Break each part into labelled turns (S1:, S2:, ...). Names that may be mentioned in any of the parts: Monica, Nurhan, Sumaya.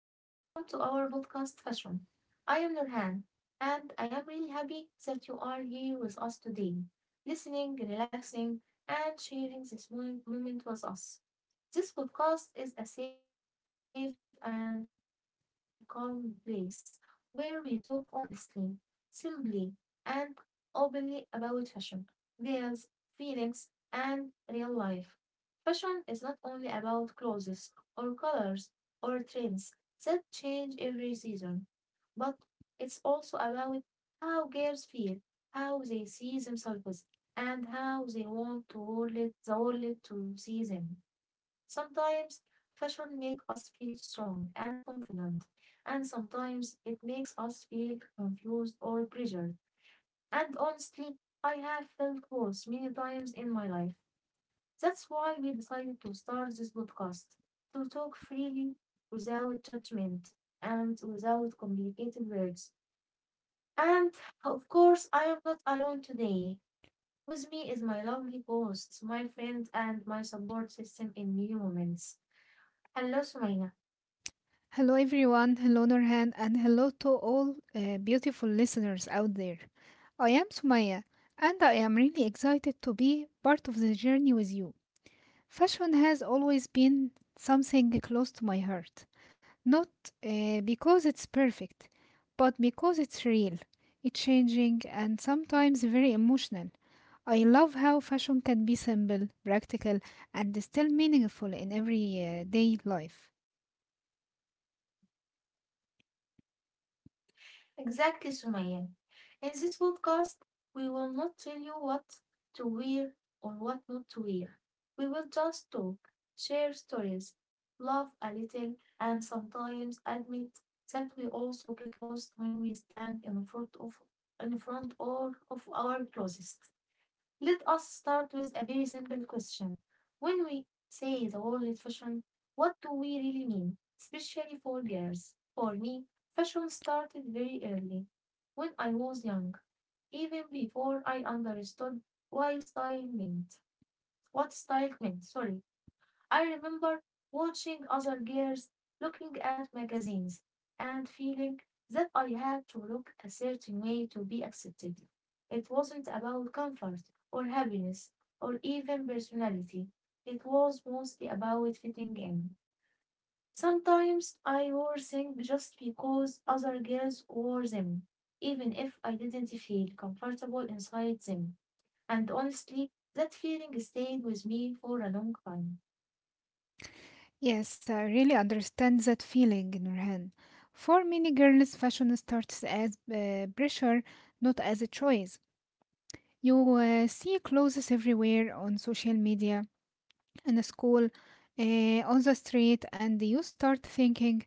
S1: and welcome to our podcast Fashion. I am Nurhan, and I am really happy that you are here with us today, listening, relaxing, and sharing this moment with us. This podcast is a safe and calm place where we talk honestly, simply, and openly about fashion, ideas, feelings, and real life. Fashion is not only about clothes or colors or trends. That change every season, but it's also about how girls feel, how they see themselves, and how they want to hold it, the world to see them. Sometimes fashion makes us feel strong and confident, and sometimes it makes us feel confused or pressured. And honestly, I have felt both many times in my life. That's why we decided to start this podcast to talk freely without judgment and without complicated words. And of course, I am not alone today. With me is my lovely host, my friend, and my support system in new moments. Hello, Sumaya.
S2: Hello, everyone. Hello, Nurhan, and hello to all beautiful listeners out there. I am Sumaya, and I am really excited to be part of the journey with you. Fashion has always been something close to my heart, not because it's perfect, but because it's real, it's changing, and sometimes very emotional. I love how fashion can be simple, practical, and still meaningful in everyday life.
S1: Exactly, Sumaya. In this podcast, we will not tell you what to wear or what not to wear. We will just talk, share stories, laugh a little, and sometimes admit that we also get lost when we stand in front of in front or of our closest. Let us start with a very simple question. When we say the word fashion, what do we really mean? Especially for girls. For me, fashion started very early, when I was young, even before I understood why style meant. What style meant, sorry. I remember watching other girls looking at magazines and feeling that I had to look a certain way to be accepted. It wasn't about comfort or happiness or even personality. It was mostly about fitting in. Sometimes I wore things just because other girls wore them, even if I didn't feel comfortable inside them. And honestly, that feeling stayed with me for a long time.
S2: Yes, I really understand that feeling, Nurhan. For many girls, fashion starts as pressure, not as a choice. You see clothes everywhere on social media, in school, on the street, and you start thinking,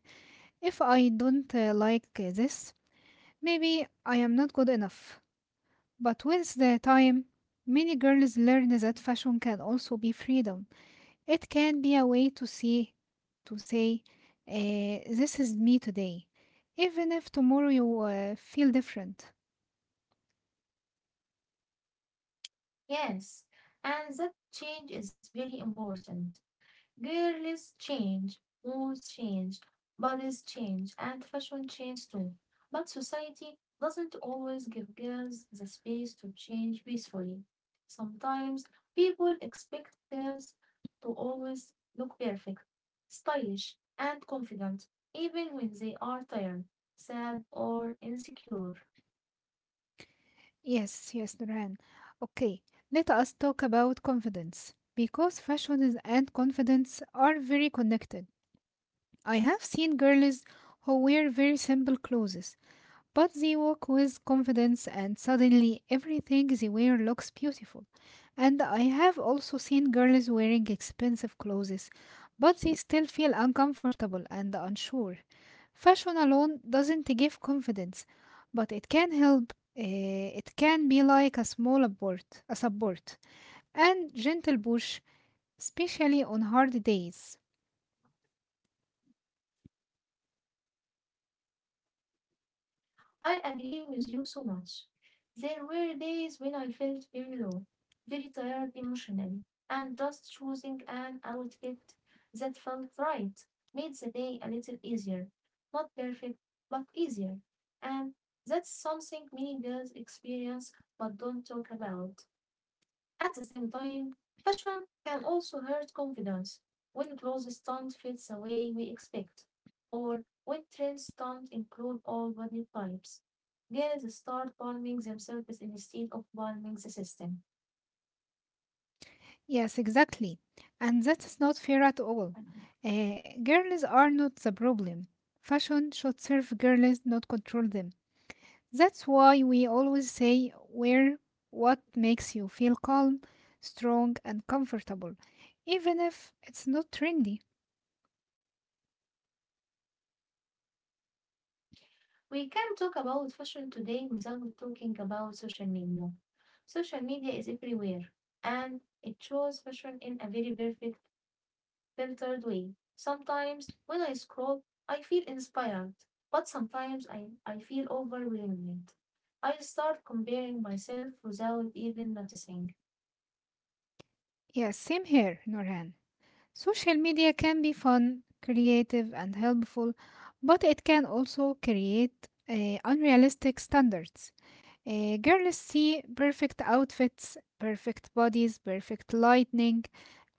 S2: if I don't like this, maybe I am not good enough. But with the time, many girls learn that fashion can also be freedom. It can be a way to see, to say, this is me today, even if tomorrow you feel different.
S1: Yes, and that change is very important. Girls change, moods change, bodies change, and fashion change too. But society doesn't always give girls the space to change peacefully. Sometimes people expect girls to always look perfect, stylish, and confident, even when they are tired, sad, or insecure.
S2: Yes, yes, Nurhan. Okay, let us talk about confidence because and confidence are very connected. I have seen girls who wear very simple clothes, but they walk with confidence, and suddenly everything they wear looks beautiful. And I have also seen girls wearing expensive clothes, but they still feel uncomfortable and unsure. Fashion alone doesn't give confidence, but it can help. It can be like a support, and gentle push, especially on hard days.
S1: I agree with you so much. There were days when I felt very low, very tired emotionally, and just choosing an outfit that felt right made the day a little easier. Not perfect, but easier. And that's something many girls experience but don't talk about. At the same time, fashion can also hurt confidence when clothes don't fit the way we expect, or when trends don't include all body types. Girls start blaming themselves instead of blaming the system.
S2: Yes, exactly. And that's not fair at all. Uh, Girls are not the problem. Fashion should serve girls, not control them. That's why we always say wear what makes you feel calm, strong, and comfortable, even if it's not trendy.
S1: We can talk about fashion today without talking about social media. Social media is everywhere, and it shows fashion in a very perfect filtered way. Sometimes when I scroll, I feel inspired, but sometimes I feel overwhelmed. I start comparing myself without even noticing.
S2: Yes, same here, Norhan. Social media can be fun, creative, and helpful, but it can also create unrealistic standards. Girls see perfect outfits, perfect bodies, perfect lighting,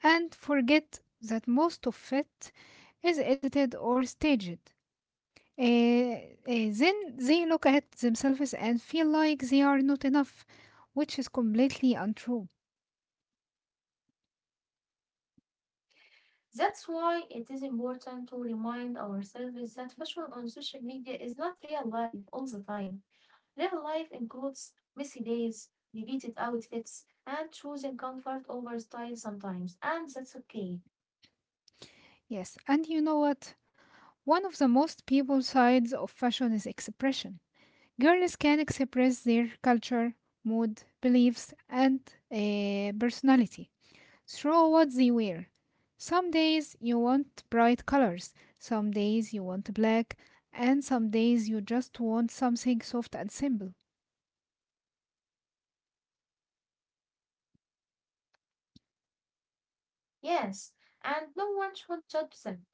S2: and forget that most of it is edited or staged. Uh, uh, then they look at themselves and feel like they are not enough, which is completely untrue.
S1: That's why it is important to remind ourselves that fashion on social media is not real life all the time. Real life includes messy days, repeated outfits, and choosing comfort over style sometimes, and that's okay.
S2: Yes, and you know what? One of the most people sides of fashion is expression. Girls can express their culture, mood, beliefs, and personality through what they wear. Some days you want bright colors, some days you want black, and some days you just want something soft and simple.
S1: Yes, and no one should judge them.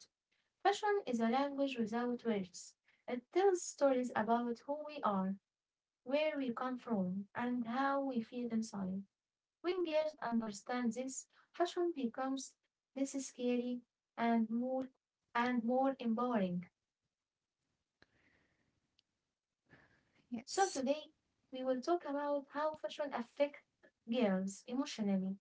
S1: Fashion is a language without words. It tells stories about who we are, where we come from, and how we feel inside. When girls understand this, fashion becomes less scary and more empowering. So
S2: Yes.
S1: today we will talk about how fashion affects girls emotionally,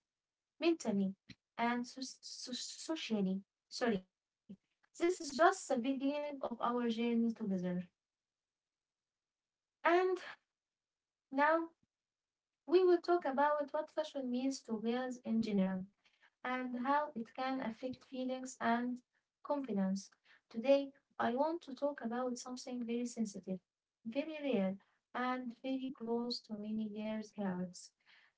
S1: mentally, and socially. Sorry, this is just the beginning of our journey together. And now we will talk about what fashion means to girls in general and how it can affect feelings and confidence. Today, I want to talk about something very sensitive, very real, and very close to many girls' hearts,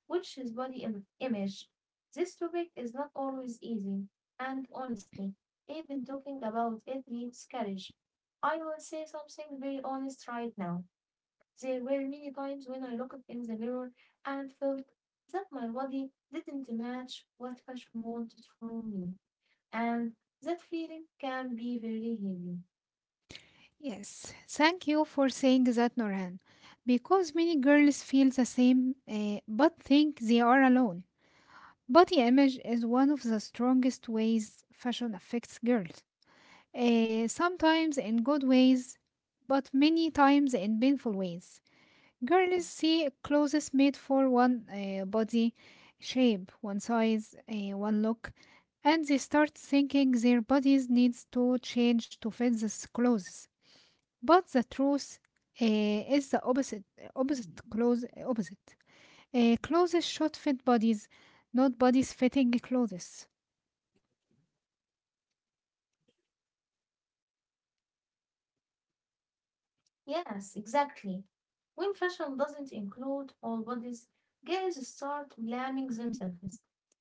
S1: which is body image. This topic is not always easy, and honestly, even talking about it needs courage. I will say something very honest right now. There were many times when I looked in the mirror and felt that my body didn't match what fashion wanted from me. And that feeling can be very heavy.
S2: Yes. Thank you for saying that, Norhan. Because many girls feel the same but think they are alone. Body image is one of the strongest ways fashion affects girls. Sometimes in good ways, but many times in painful ways. Girls see clothes made for one body shape, one size, one look, and they start thinking their bodies needs to change to fit these clothes. But the truth is the opposite. Opposite. Clothes should fit bodies, not bodies fitting clothes.
S1: Yes, exactly. When fashion doesn't include all bodies, girls start blaming themselves.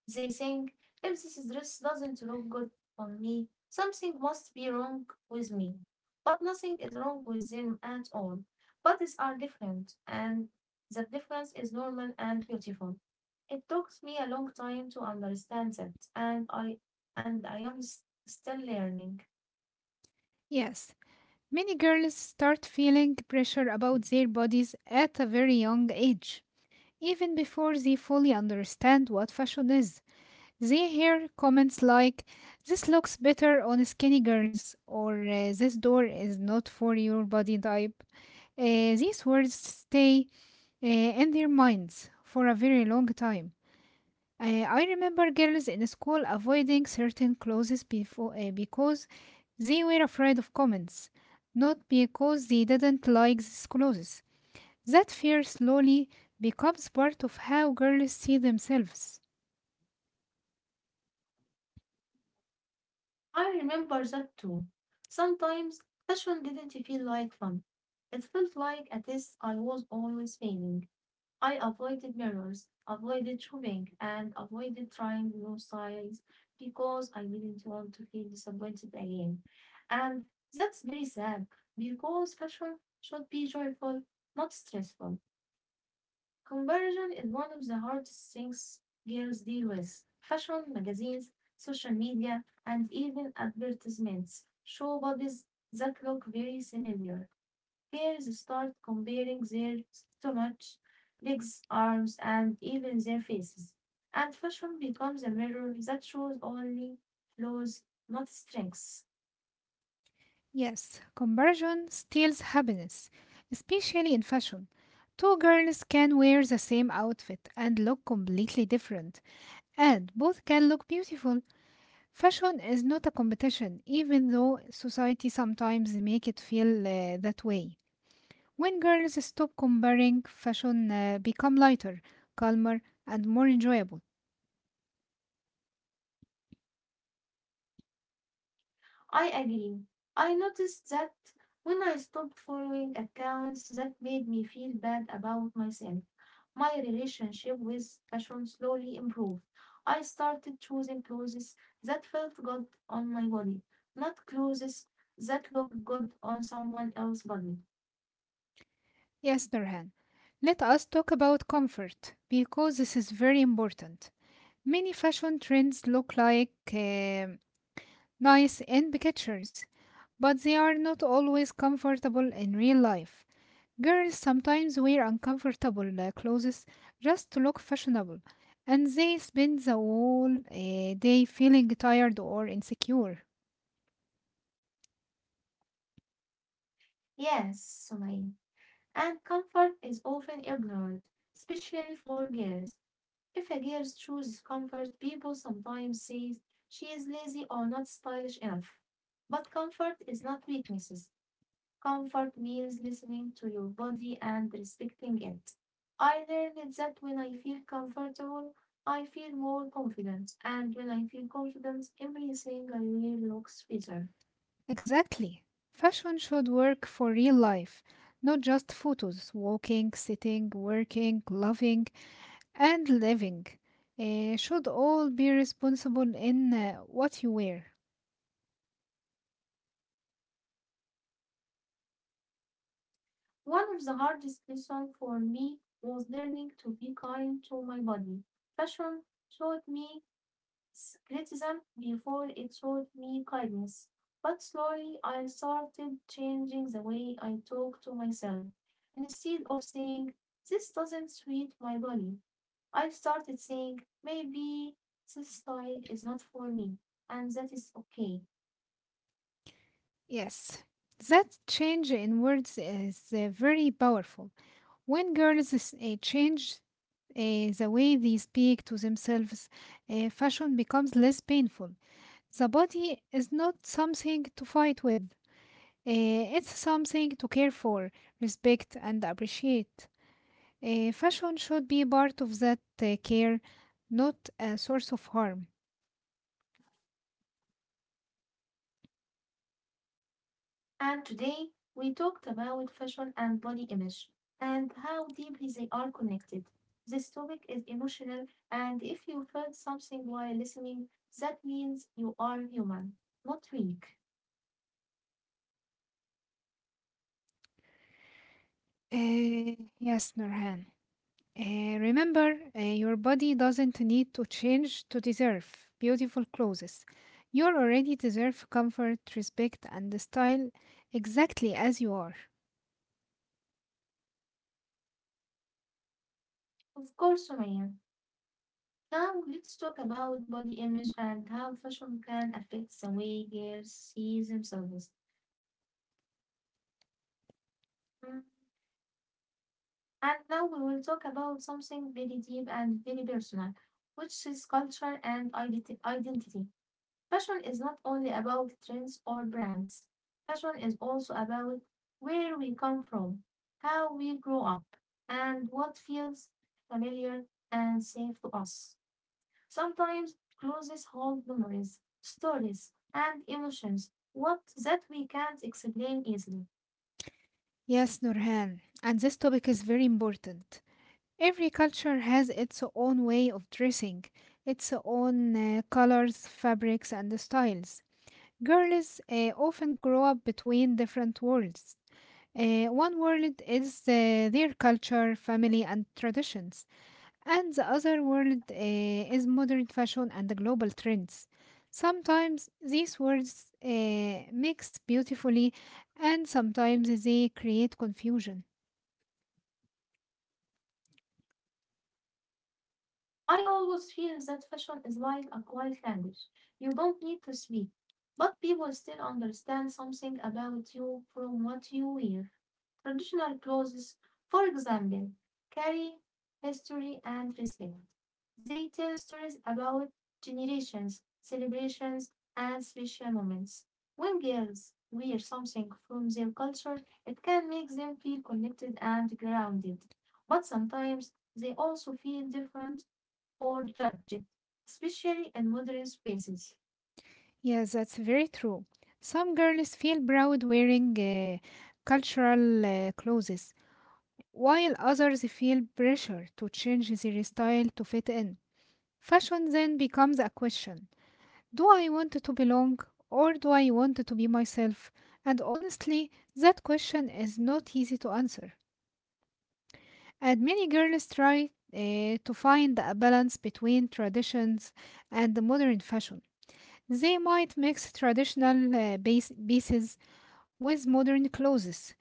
S1: They think, if this dress doesn't look good on me, something must be wrong with me. But nothing is wrong with them at all. Bodies are different, and that difference is normal and beautiful. It took me a long time to understand that, and I am still learning.
S2: Yes, many girls start feeling pressure about their bodies at a very young age, even before they fully understand what fashion is. They hear comments like, this looks better on skinny girls, or this door is not for your body type. These words stay in their minds for a very long time. I remember girls in school avoiding certain clothes before, because they were afraid of comments, not because they didn't like these clothes. That fear slowly becomes part of how girls see themselves.
S1: I remember that too. Sometimes fashion didn't feel like fun. It felt like a test I was always failing. I avoided mirrors, avoided shopping, and avoided trying new styles because I didn't want to feel disappointed again. And that's very sad because fashion should be joyful, not stressful. Comparison is one of the hardest things girls deal with. Fashion magazines, social media, and even advertisements show bodies that look very similar. Girls start comparing their stomach, legs, arms, and even their faces. And fashion becomes a mirror that shows only flaws, not strengths.
S2: Yes, comparison steals happiness, especially in fashion. Two girls can wear the same outfit and look completely different, and both can look beautiful. Fashion is not a competition, even though society sometimes make it feel that way. When girls stop comparing, fashion become lighter, calmer, and more enjoyable.
S1: I agree. I noticed that when I stopped following accounts that made me feel bad about myself, my relationship with fashion slowly improved. I started choosing clothes that felt good on my body, not clothes that looked good on someone else's body.
S2: Yes, Nurhan. Let us talk about comfort because this is very important. Many fashion trends look like nice in pictures, but they are not always comfortable in real life. Girls sometimes wear uncomfortable clothes just to look fashionable, and they spend the whole day feeling tired or insecure.
S1: Yes, Sumayn. And comfort is often ignored, especially for girls. If a girl chooses comfort, people sometimes say she is lazy or not stylish enough. But comfort is not weaknesses. Comfort means listening to your body and respecting it. I learned that when I feel comfortable, I feel more confident, and when I feel confident, everything I wear looks better.
S2: Exactly. Fashion should work for real life, not just photos. Walking, sitting, working, loving, and living should all be responsible in what you wear.
S1: One of the hardest lessons for me was learning to be kind to my body. Fashion taught me criticism before it showed me kindness. But slowly I started changing the way I talk to myself. Instead of saying, this doesn't suit my body, I started saying, maybe this style is not for me, and that is okay.
S2: Yes, that change in words is very powerful. When change the way they speak to themselves, fashion becomes less painful. The body is not something to fight with. It's something to care for, respect, and appreciate. Fashion should be part of that care, not a source of harm.
S1: And today we talked about fashion and body image and how deeply they are connected. This topic is emotional, and if you felt something while listening, that means you are human, not weak.
S2: Eh, yes, Nurhan. Remember, your body doesn't need to change to deserve beautiful clothes. You already deserve comfort, respect, and style exactly as you are.
S1: Of course, Sumaya. Now let's talk about body image and how fashion can affect the way girls see themselves. Mm, and now we will talk about something very deep and very personal, which is culture and identity. Fashion is not only about trends or brands. Fashion is also about where we come from, how we grow up, and what feels familiar and safe to us. Sometimes clothes hold memories, stories, and emotions what that we can't explain easily.
S2: Yes, Nurhan. And this topic is very important. Every culture has its own way of dressing, its own colors, fabrics, and styles. Girls often grow up between different worlds. One world is their culture, family, and traditions, and the other world is modern fashion and the global trends. Sometimes these worlds mix beautifully, and sometimes they create confusion.
S1: I always feel that fashion is like a quiet language. You don't need to speak, but people still understand something about you from what you wear. Traditional clothes, for example, carry history and respect. They tell stories about generations, celebrations, and special moments. When girls wear something from their culture, it can make them feel connected and grounded. But sometimes they also feel different or judged, especially in modern spaces.
S2: Yes, that's very true. Some girls feel proud wearing cultural clothes, while others feel pressure to change their style to fit in. Fashion then becomes a question: do I want to belong or do I want to be myself? And honestly, that question is not easy to answer. And many girls try to find a balance between traditions and the modern fashion. They might mix traditional pieces with modern clothes.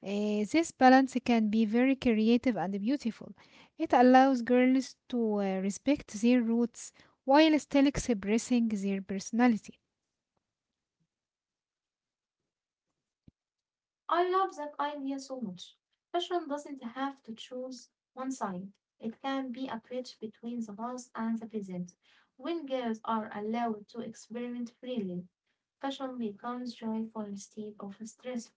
S2: This balance can be very creative and beautiful. It allows girls to respect their roots while still expressing their personality.
S1: I love that idea so much. Fashion doesn't have to choose one side, it can be a bridge between the past and the present. When girls are allowed to experiment freely, fashion becomes joyful instead of stressful.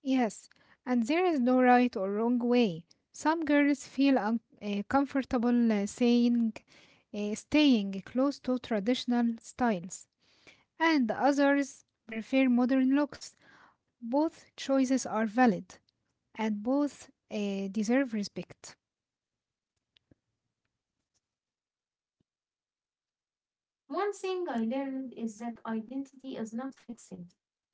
S2: Yes, and there is no right or wrong way. Some girls feel comfortable staying close to traditional styles, and others prefer modern looks. Both choices are valid, and both deserve respect.
S1: One thing I learned is that identity is not fixed.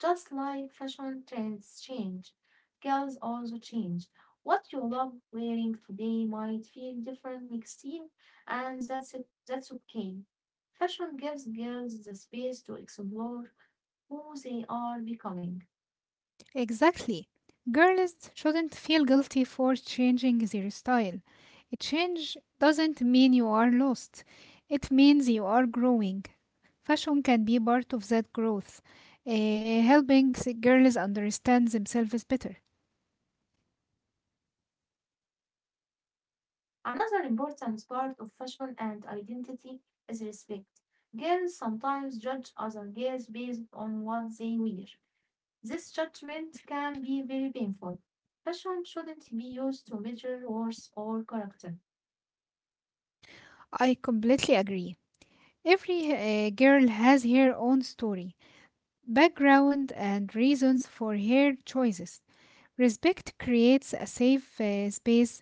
S1: Just like fashion trends change, girls also change. What you love wearing today might feel different next year, and that's okay. Fashion gives girls the space to explore who they are becoming.
S2: Exactly. Girls shouldn't feel guilty for changing their style. A change doesn't mean you are lost. It means you are growing. Fashion can be part of that growth, girls understand themselves better.
S1: Another important part of fashion and identity is respect. Girls sometimes judge other girls based on what they wear. This judgment can be very painful. Fashion shouldn't be used to measure worth or character.
S2: I completely agree. Every girl has her own story, background, and reasons for her choices. Respect creates a safe space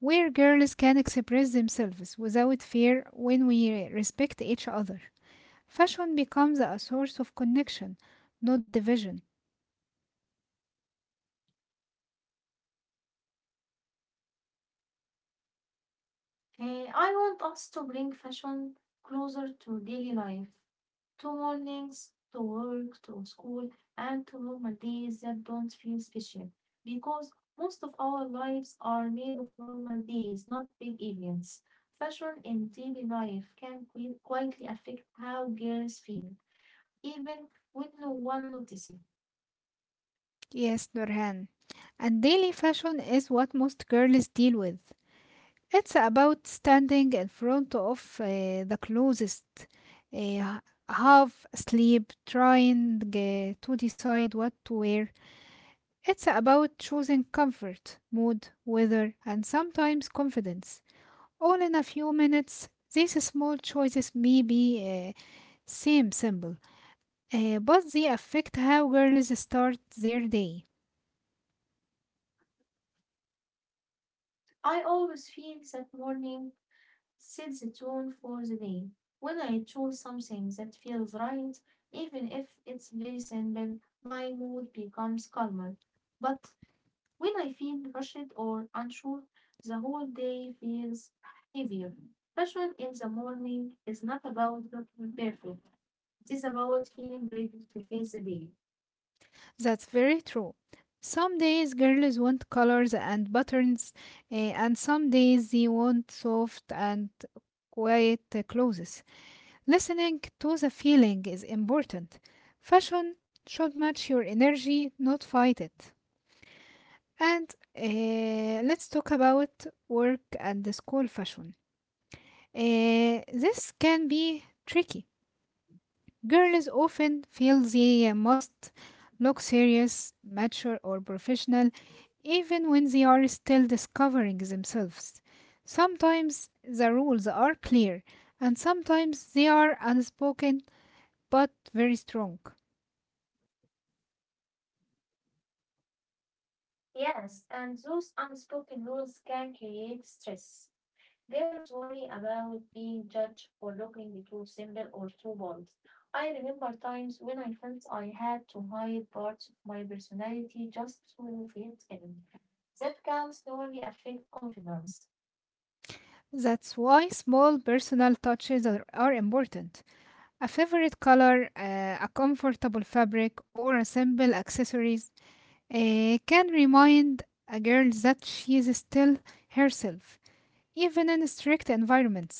S2: where girls can express themselves without fear when we respect each other. Fashion becomes a source of connection, not division.
S1: I want us to bring fashion closer to daily life, to mornings, to work, to school, and to normal days that don't feel special. Because most of our lives are made of normal days, not big events. Fashion in daily life can quietly affect how girls feel, even when no one notices.
S2: Yes, Nurhan. And daily fashion is what most girls deal with. It's about standing in front of the closest uh, half asleep, trying to decide what to wear. It's about choosing comfort, mood, weather, and sometimes confidence. All in a few minutes, these small choices may be seem simple, but they affect how girls start their day.
S1: I always feel that morning sets the tone for the day. When I choose something that feels right, even if it's very simple, my mood becomes calmer. But when I feel rushed or unsure, the whole day feels heavier. Fashion in the morning is not about looking perfect, it is about feeling ready to face the day.
S2: That's very true. Some days girls want colors and buttons, and some days they want soft and quiet clothes. Listening to the feeling is important. Fashion should match your energy, not fight it. And let's talk about work and the school fashion. This can be tricky. Girls often feel they must look serious, mature, or professional, even when they are still discovering themselves. Sometimes the rules are clear, and sometimes they are unspoken but very strong.
S1: Yes, and those unspoken rules can create stress. Girls worry about being judged for looking too simple or too bold. I remember times when I felt I had to hide parts of my personality just to fit in. That can slowly affect confidence.
S2: That's why small personal touches are important. A favorite color, a comfortable fabric, or a simple accessories can remind a girl that she is still herself, even in strict environments.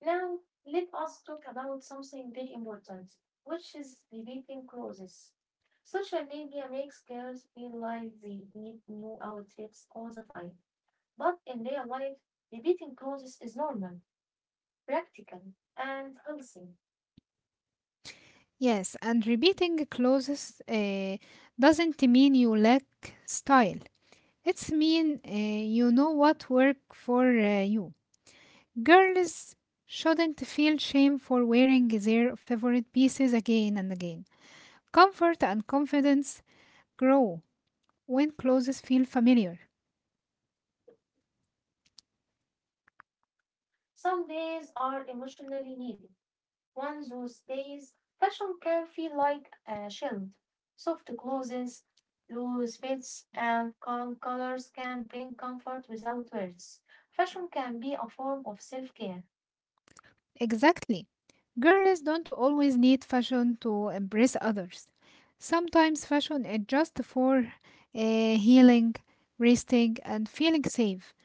S1: Now, let us talk about something very important, which is repeating clothes. Social media makes girls feel like they need new outfits all the time, but in real life, repeating clothes is normal, practical, and healthy.
S2: Yes, and repeating clothes doesn't mean you lack style. It's mean you know what work for you. Girls shouldn't feel shame for wearing their favorite pieces again and again. Comfort and confidence grow when clothes feel familiar.
S1: Some days are emotionally heavy, ones whose days fashion can feel like a shield. Soft clothes, loose fits, and calm colors can bring comfort without words. Fashion can be a form of self care.
S2: Exactly. Girls don't always need fashion to impress others. Sometimes fashion is just for healing, resting, and feeling safe.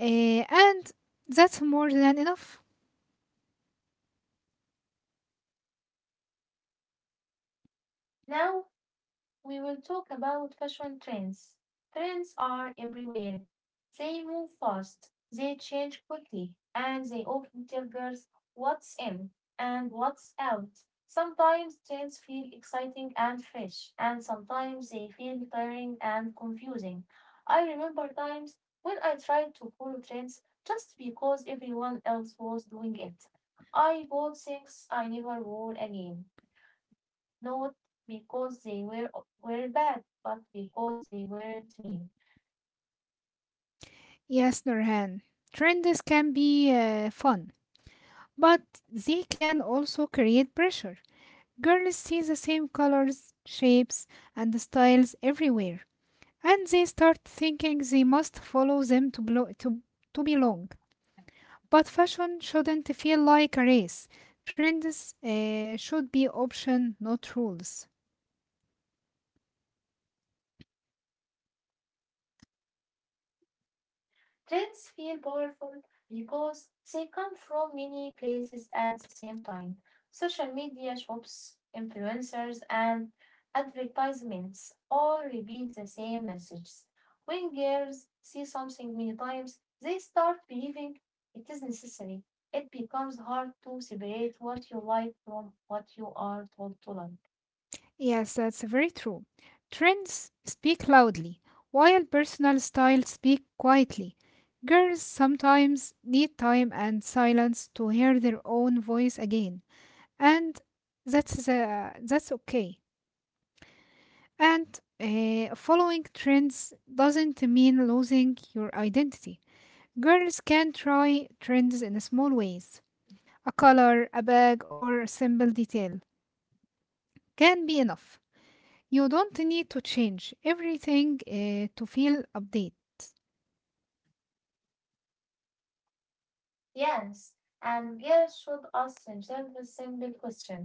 S2: And that's more than enough.
S1: Now, we will talk about fashion trends. Trends are everywhere. They move fast, they change quickly, and they often tell girls what's in and what's out. Sometimes trends feel exciting and fresh, and sometimes they feel tiring and confusing. I remember times when I tried to follow trends just because everyone else was doing it. I bought things I never wore again not because were bad, but because they weren't mean.
S2: Yes, Nurhan. Trends can be fun, but they can also create pressure. Girls see the same colors, shapes, and styles everywhere and they start thinking they must follow them to belong. But fashion shouldn't feel like a race. Trends should be option, not rules.
S1: Trends feel powerful because they come from many places at the same time. Social media, shops, influencers, and advertisements all repeat the same messages. When girls see something many times, they start believing it is necessary. It becomes hard to separate what you like from what you are told to like.
S2: Yes, that's very true. Trends speak loudly, while personal style speak quietly. Girls sometimes need time and silence to hear their own voice again, and that's okay. And following trends doesn't mean losing your identity. Girls can try trends in small ways. A color, a bag, or a simple detail can be enough. You don't need to change everything to feel update.
S1: Yes, and girls should ask themselves a simple question.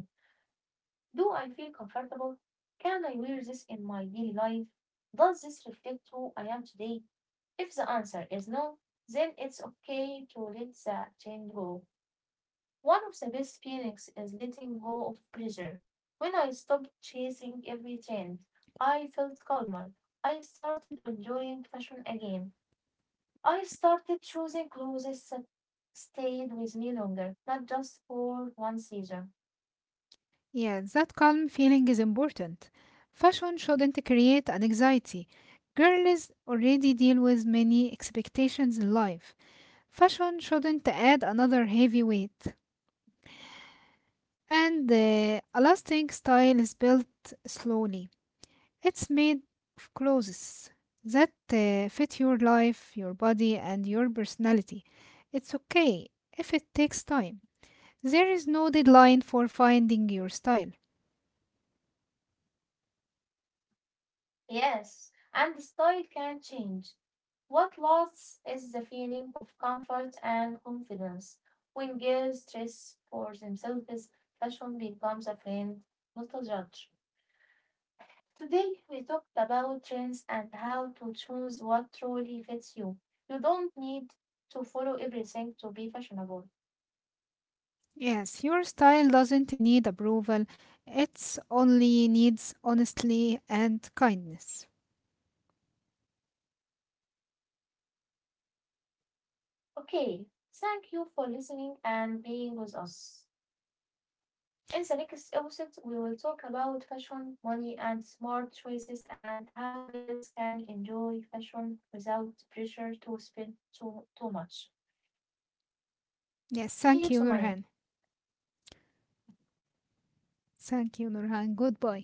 S1: Do I feel comfortable? Can I wear this in my daily life? Does this reflect who I am today? If the answer is no, then it's okay to let the change go. One of the best feelings is letting go of pressure. When I stopped chasing every trend, I felt calmer. I started enjoying fashion again. I started choosing clothes that stayed with me longer, not just for one season.
S2: Yeah, that calm feeling is important. Fashion shouldn't create an anxiety. Girls already deal with many expectations in life. Fashion shouldn't add another heavy weight. And the elastic style is built slowly. It's made of clothes that fit your life, your body, and your personality. It's okay if it takes time. There is no deadline for finding your style.
S1: Yes, and the style can change. What lasts is the feeling of comfort and confidence. When girls dress for themselves, fashion becomes a friend, not a judge. Today, we talked about trends and how to choose what truly fits you. You don't need to follow everything to be fashionable.
S2: Yes, your style doesn't need approval, it's only needs honesty and kindness.
S1: Okay, thank you for listening and being with us. In the next episode, we will talk about fashion, money, and smart choices and how girls can enjoy fashion without pressure to spend too much.
S2: Yes, thank you,
S1: See you,
S2: Nurhan.
S1: Sumaya.
S2: Thank you, Nurhan. Goodbye.